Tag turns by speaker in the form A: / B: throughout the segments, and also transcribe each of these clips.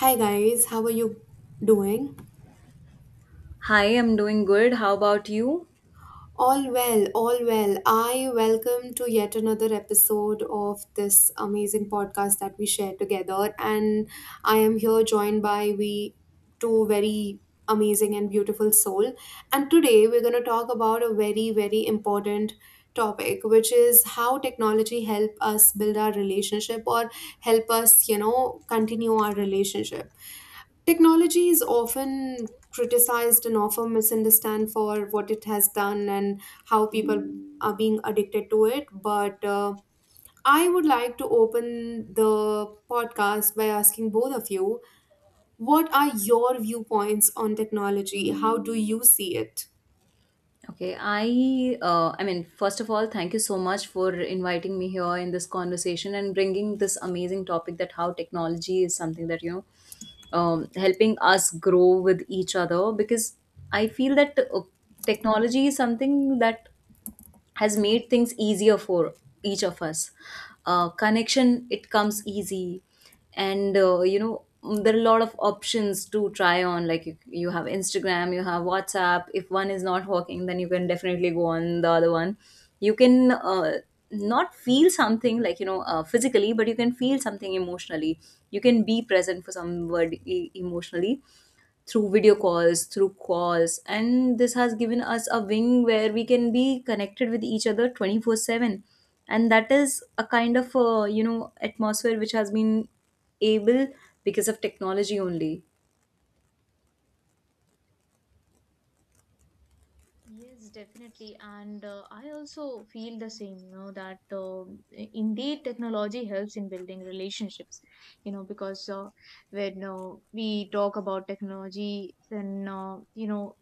A: Hi guys, how are you doing?
B: Hi, I'm doing good.
C: Are you?
B: How
C: All well,
B: about you?
C: all well. Are
A: All well, all well.
C: you
A: I
C: welcome
A: welcome
C: to
A: to yet
C: yet
A: another
C: another
A: episode of this amazing podcast that we share together, and I am here joined by we two very amazing and beautiful soul. And today we're going to talk about a very important topic, which is how technology help us build our relationship or help us, you know, continue our relationship. Technology is often criticized and often misunderstand for what it has done and how people are being addicted to it, but I would like to open the podcast by asking both of you, what are your viewpoints on technology? How do you see it?
B: Okay, I mean, first of all, thank you so much for inviting me here in this conversation and bringing this amazing topic that how technology is something that, you know, helping us grow with each other because I feel that technology is something that has made things easier for each of us, connection it comes easy and you know, there are a lot of options to try on, like you have instagram, you have whatsapp. If one is not working, then you can definitely go on the other one. You can not feel something like, you know, physically, but you can feel something emotionally. You can be present for somebody emotionally, through video calls, through calls, and this has given us a wing where we can be connected with each other 24/7. And that is a kind of, you know, atmosphere which has been able because of technology only.
C: Yes, definitely. And I also feel the same, you know, that indeed technology helps in building relationships, you know, because when we talk about technology, then, you know,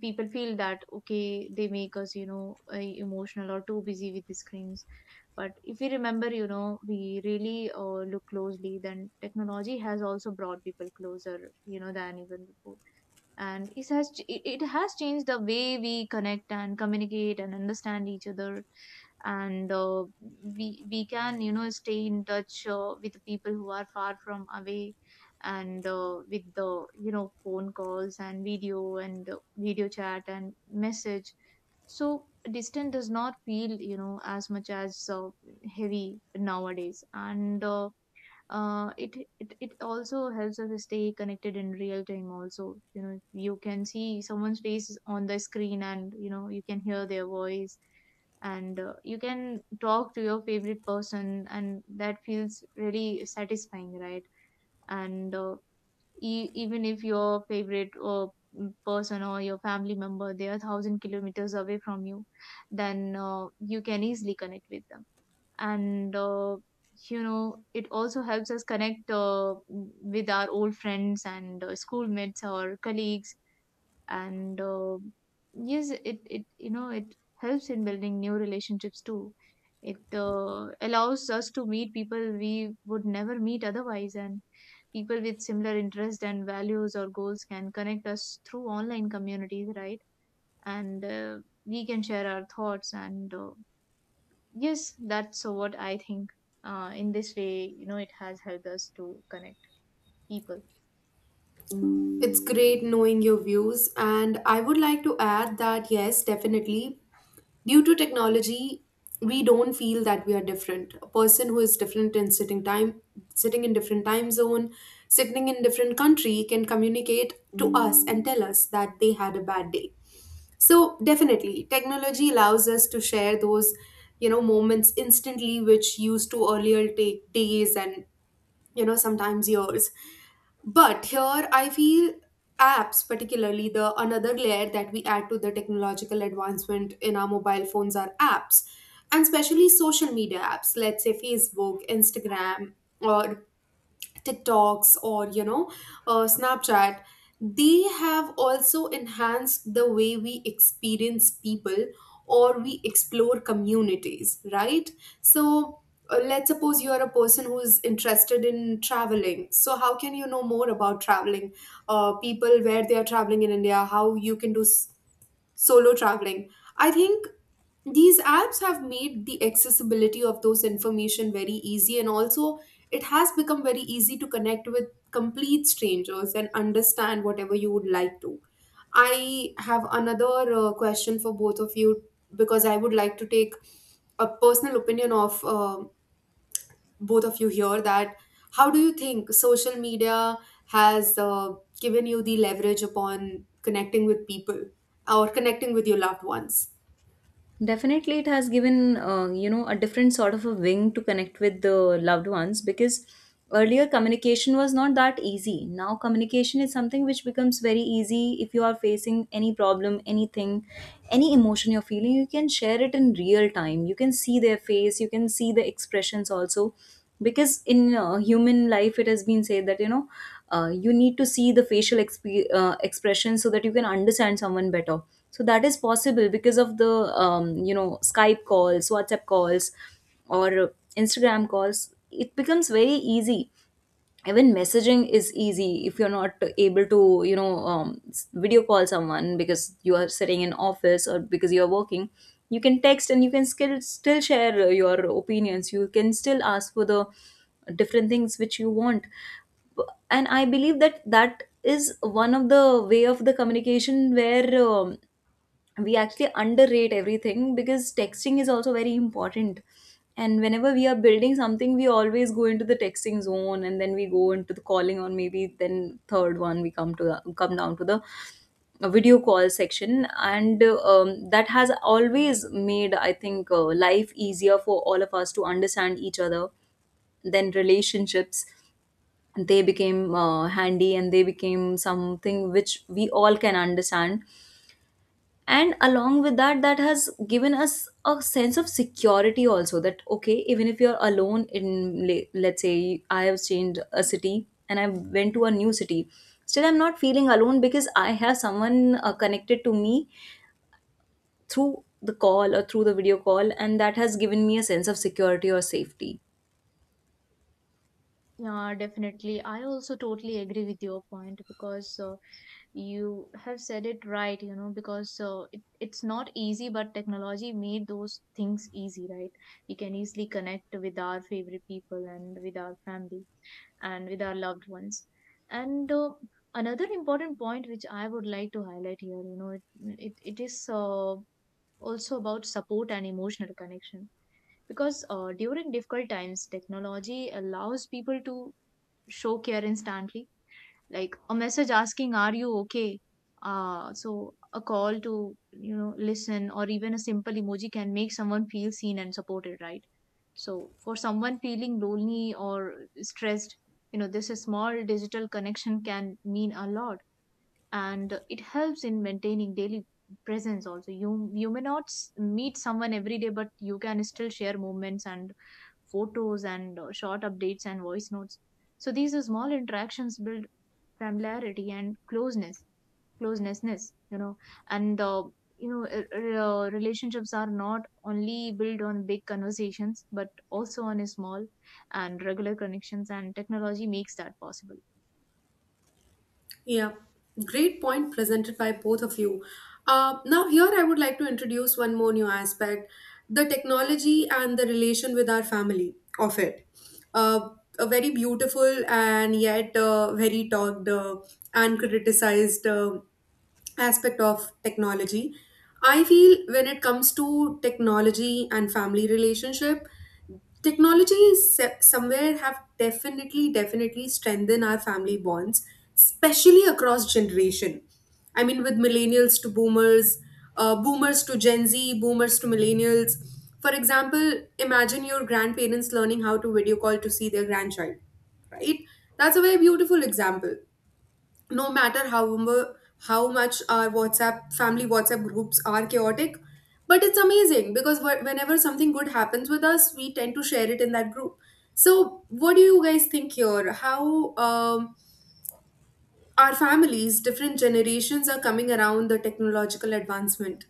C: people feel that, okay, they make us, you know, emotional or too busy with the screens. But if we remember, you know, we really look closely, then technology has also brought people closer, you know, than even before, and it has changed the way we connect and communicate and understand each other, and we can, you know, stay in touch with the people who are far from away, and with the, you know, phone calls and video chat and message. So distant does not feel, you know, as much as heavy nowadays, and uh, it, it also helps us stay connected in real time also. You know, you can see someone's face on the screen and you know you can hear their voice, and you can talk to your favorite person and that feels really satisfying, right? And even if your favorite person or your family member, they are 1,000 kilometers away from you, then you can easily connect with them. And you know, it also helps us connect with our old friends and schoolmates or colleagues. And yes, it you know it helps in building new relationships too. It allows us to meet people we would never meet otherwise, and people with similar interests and values or goals can connect us through online communities, right? And we can share our thoughts and yes, that's so what I think. In this way, you know, it has helped us to connect people.
A: It's great knowing your views, and I would like to add that yes, definitely. Due to technology, we don't feel that we are different. A person who is different in sitting time, sitting in different time zone, sitting in different country can communicate to us and tell us that they had a bad day. So definitely, technology allows us to share those, you know, moments instantly, which used to earlier take days and, you know, sometimes years. But here I feel apps, particularly the another layer that we add to the technological advancement in our mobile phones are apps, and especially social media apps, let's say Facebook, Instagram, or TikToks or Snapchat, they have also enhanced the way we experience people or we explore communities, right? So let's suppose you are a person who's interested in traveling. So how can you know more about traveling? People where they are traveling in India, how you can do solo traveling. I think these apps have made the accessibility of those information very easy, and also it has become very easy to connect with complete strangers and understand whatever you would like to. I have another question for both of you, because I would like to take a personal opinion of both of you here, that how do you think social media has given you the leverage upon connecting with people or connecting with your loved ones?
B: Definitely, it has given, you know, a different sort of a wing to connect with the loved ones, because earlier communication was not that easy. Now communication is something which becomes very easy. If you are facing any problem, anything, any emotion you're feeling, you can share it in real time. You can see their face, you can see the expressions also, because in human life it has been said that, you know, you need to see the facial expression so that you can understand someone better. So that is possible because of the, you know, Skype calls, WhatsApp calls or Instagram calls. It becomes very easy. Even messaging is easy, if you're not able to, you know, video call someone because you are sitting in office or because you are working. You can text and you can still share your opinions, you can still ask for the different things which you want. B- and I believe that that is one of the way of the communication where, we actually underrate everything, because texting is also very important. And whenever we are building something, we always go into the texting zone and then we go into the calling, or maybe then third one we come to the, come down to the video call section. And that has always made, I think, life easier for all of us to understand each other. Then relationships, they became handy and they became something which we all can understand. And along with that, that has given us a sense of security also, that okay, even if you're alone, let's say I have changed a city and I went to a new city, still I'm not feeling alone because I have someone connected to me through the call or through the video call, and that has given me a sense of security or safety.
C: Yeah, definitely. I also totally agree with your point, because you have said it right, you know, because it's not easy, but technology made those things easy, right? We can easily connect with our favorite people and with our family and with our loved ones. And another important point which I would like to highlight here, you know, it is also about support and emotional connection, because during difficult times technology allows people to show care instantly, like a message asking are you okay, so a call to, you know, listen, or even a simple emoji can make someone feel seen and supported, right? So for someone feeling lonely or stressed, you know, this small digital connection can mean a lot, and it helps in maintaining daily presence also. You may not meet someone every day, but you can still share moments and photos and short updates and voice notes. So these are small interactions, build familiarity and closeness, closenessness, you know. And you know r- relationships are not only built on big conversations but also on a small and regular connections, and technology makes that possible.
A: Yeah, great point presented by both of you. Now, here I would like to introduce one more new aspect, the technology and the relation with our family of it. Uh, a very beautiful and yet very talked and criticized aspect of technology. I feel when it comes to technology and family relationship, technology is somewhere have definitely strengthened our family bonds, especially across generation. I mean, with millennials to boomers, boomers to Gen Z, boomers to millennials. For example, imagine your grandparents learning how to video call to see their grandchild, right? That's a very beautiful example. No matter how much our WhatsApp family WhatsApp groups are chaotic, but it's amazing because whenever something good happens with us, we tend to share it in that group. So, what do you guys think here? How our families, different generations, are coming around the technological advancement?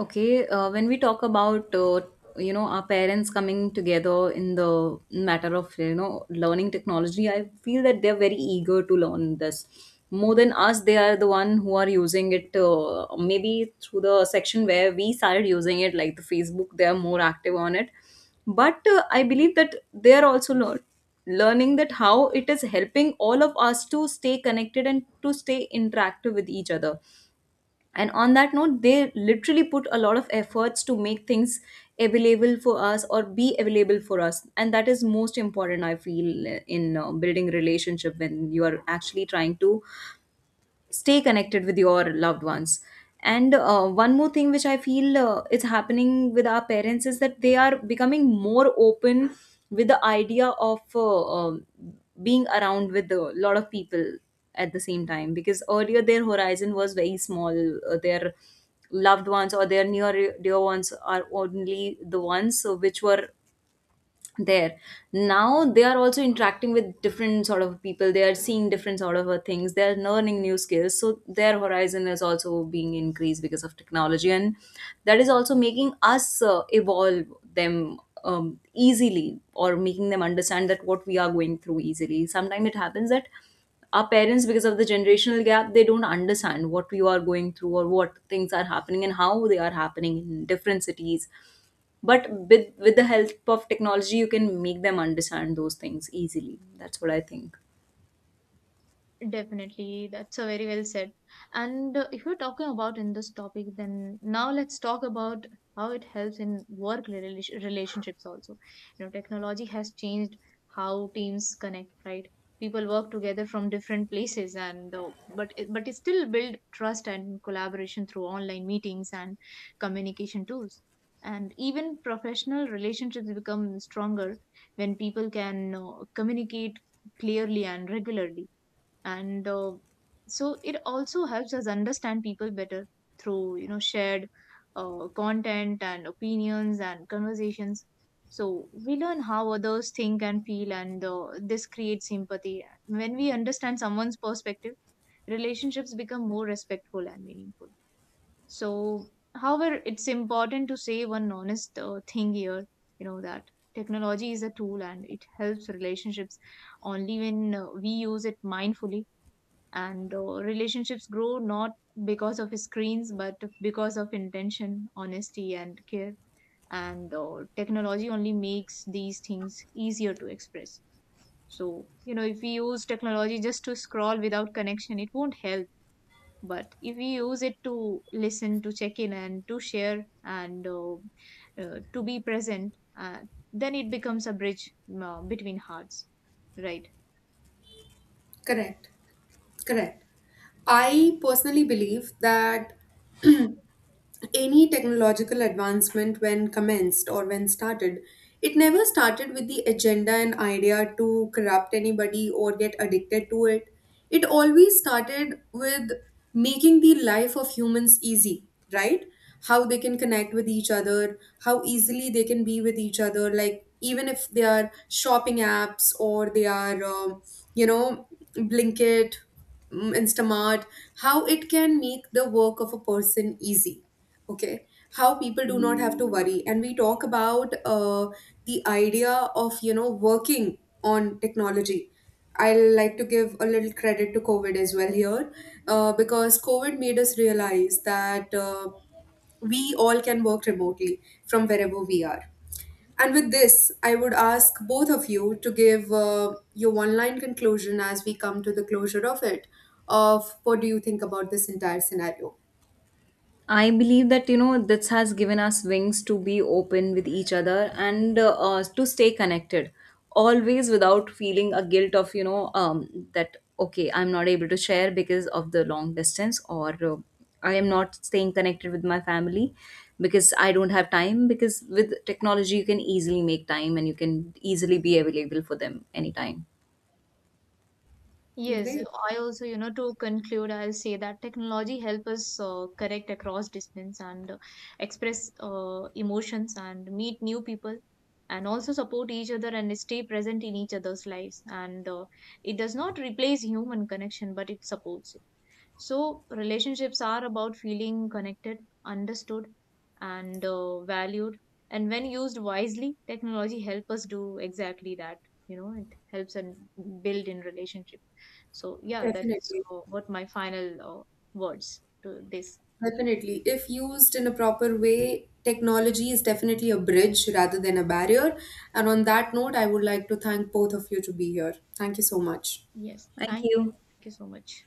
B: Okay, when we talk about, you know, our parents coming together in the matter of, you know, learning technology, I feel that they're very eager to learn this. More than us, they are the one who are using it. Maybe through the section where we started using it, like the Facebook, they are more active on it. But I believe that they are also learning that how it is helping all of us to stay connected and to stay interactive with each other. And on that note, they literally put a lot of efforts to make things available for us or be available for us, and that is most important, I feel, in building relationship, when you are actually trying to stay connected with your loved ones. And one more thing which I feel is happening with our parents is that they are becoming more open with the idea of being around with a lot of people at the same time, because earlier their horizon was very small. Uh, their loved ones or their near dear ones are only the ones which were there. Now they are also interacting with different sort of people, they are seeing different sort of things, they are learning new skills, so their horizon is also being increased because of technology. And that is also making us evolve them, easily, or making them understand that what we are going through easily. Sometimes it happens that our parents, because of the generational gap, they don't understand what you are going through or what things are happening and how they are happening in different cities. But with the help of technology, you can make them understand those things easily. That's what I think.
C: Definitely, that's a very well said. And if we're talking about in this topic, then now let's talk about how it helps in work relationships also. You know, technology has changed how teams connect, right? People work together from different places, and but it still build trust and collaboration through online meetings and communication tools. And even professional relationships become stronger when people can communicate clearly and regularly, and so it also helps us understand people better through, you know, shared content and opinions and conversations. So we learn how others think and feel, and this creates sympathy. When we understand someone's perspective, relationships become more respectful and meaningful. So however, it's important to say one honest thing here, you know, that technology is a tool and it helps relationships only when we use it mindfully. And relationships grow not because of screens but because of intention, honesty and care. And technology only makes these things easier to express. So you know, if we use technology just to scroll without connection, it won't help. But if we use it to listen, to check in, and to share, and to be present, then it becomes a bridge between hearts, right?
A: Correct. Correct. I personally believe that any technological advancement, when commenced or when started, it never started with the agenda and idea to corrupt anybody or get addicted to it. It always started with making the life of humans easy, right? How they can connect with each other, how easily they can be with each other, like even if they are shopping apps or they are, you know, Blinkit, Instamart, how it can make the work of a person easy. Okay, how people do not have to worry, and we talk about the idea of, you know, working on technology. I like to give a little credit to COVID as well here, because COVID made us realize that we all can work remotely from wherever we are. And with this, I would ask both of you to give your online conclusion as we come to the closure of it, of what do you think about this entire scenario?
B: I believe that, you know, this has given us wings to be open with each other and to stay connected always without feeling a guilt of, you know, that okay, I'm not able to share because of the long distance, or I am not staying connected with my family because I don't have time, because with technology you can easily make time and you can easily be available for them anytime.
C: Yes,
A: Great.
C: I also, you know, to conclude, I'll say that technology help us connect across distance and express emotions and meet new people, and also support each other and stay present in each other's lives. And it does not replace human connection, but it supports it. So relationships are about feeling connected, understood, and valued. And when used wisely, technology help us do exactly that. You know, it helps and build in relationship. So yeah, that's
A: Definitely.
C: what my final words to this.
A: Definitely. If used in a proper way, technology is definitely a bridge rather than a barrier. And on that note, I would like to thank both of you to be here. Thank you so much.
C: Yes,
B: Thank
C: thank you.
B: you.
C: Thank you so much.